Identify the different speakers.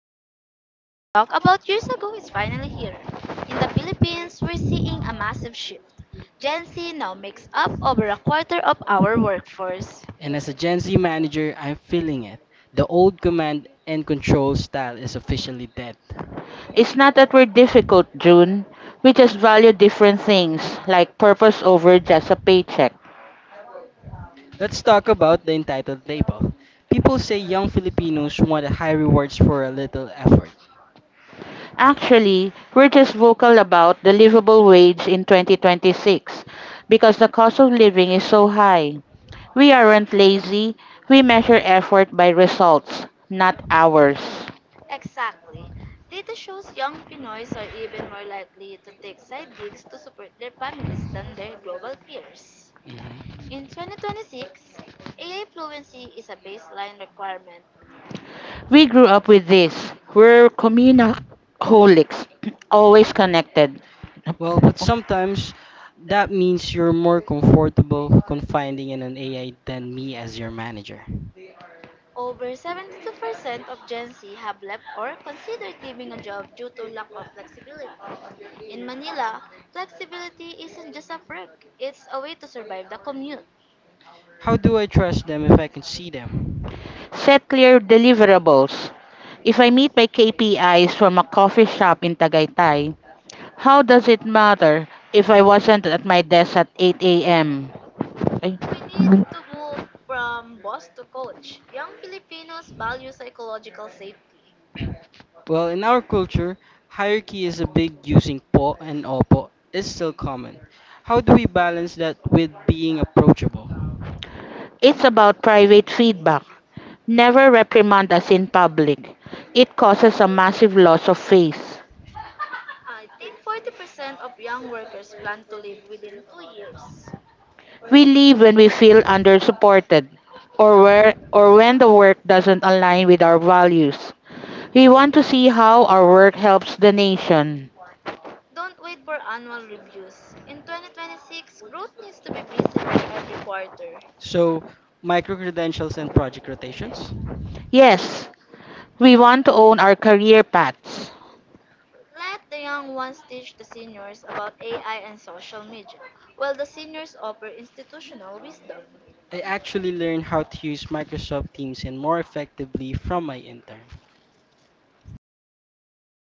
Speaker 1: future of work we talked about years ago is finally here. In the Philippines, we're seeing a massive shift. Gen Z now makes up over a quarter of our workforce.
Speaker 2: And as a Gen Z manager, I'm feeling it. The old command and control style is officially dead.
Speaker 3: It's not that we're difficult, June. We just value different things, like purpose over just a paycheck.
Speaker 2: Let's talk about the entitled label. People say young Filipinos want high rewards for a little effort.
Speaker 3: Actually, we're just vocal about the livable wage in 2026 because the cost of living is so high. We aren't lazy, we measure effort by results, not hours.
Speaker 1: Exactly. Data shows young Pinoys are even more likely to take side gigs to support their families than their global peers.
Speaker 2: Mhm.
Speaker 1: In 2026, AI fluency is a baseline requirement.
Speaker 3: We grew up with this. We're communaholics, always connected.
Speaker 2: Well,
Speaker 3: No.
Speaker 2: but sometimes that means you're more comfortable confiding in an AI than me as your manager.
Speaker 1: Over 72% of Gen Z have left or considered leaving a job due to lack of flexibility. In Manila, flexibility isn't just a perk, it's a way to survive the commute.
Speaker 2: How do I trust them if I can see them?
Speaker 3: Set clear deliverables. If I meet my KPIs from a coffee shop in Tagaytay, how does it matter if I wasn't at my desk at 8 a.m.? Ay.
Speaker 1: We need to move from boss to coach. Young Filipinos value psychological safety.
Speaker 2: Well, in our culture, hierarchy is a big using po and opo is still common. How do we balance that with being approachable?
Speaker 3: It's about private feedback. Never reprimand us in public. It causes a massive loss of faith.
Speaker 1: I think 40% of young workers plan to leave within 2 years.
Speaker 3: We leave when we feel undersupported or when the work doesn't align with our values. We want to see how our work helps the nation.
Speaker 1: Don't wait for annual reviews. In 2026, growth needs to be visible every quarter.
Speaker 2: So, micro credentials and project rotations.
Speaker 3: Yes, we want to own our career paths.
Speaker 1: Let the young ones teach the seniors about AI and social media, while the seniors offer institutional wisdom.
Speaker 2: I actually learned how to use Microsoft Teams and more effectively from my intern.
Speaker 1: Stop.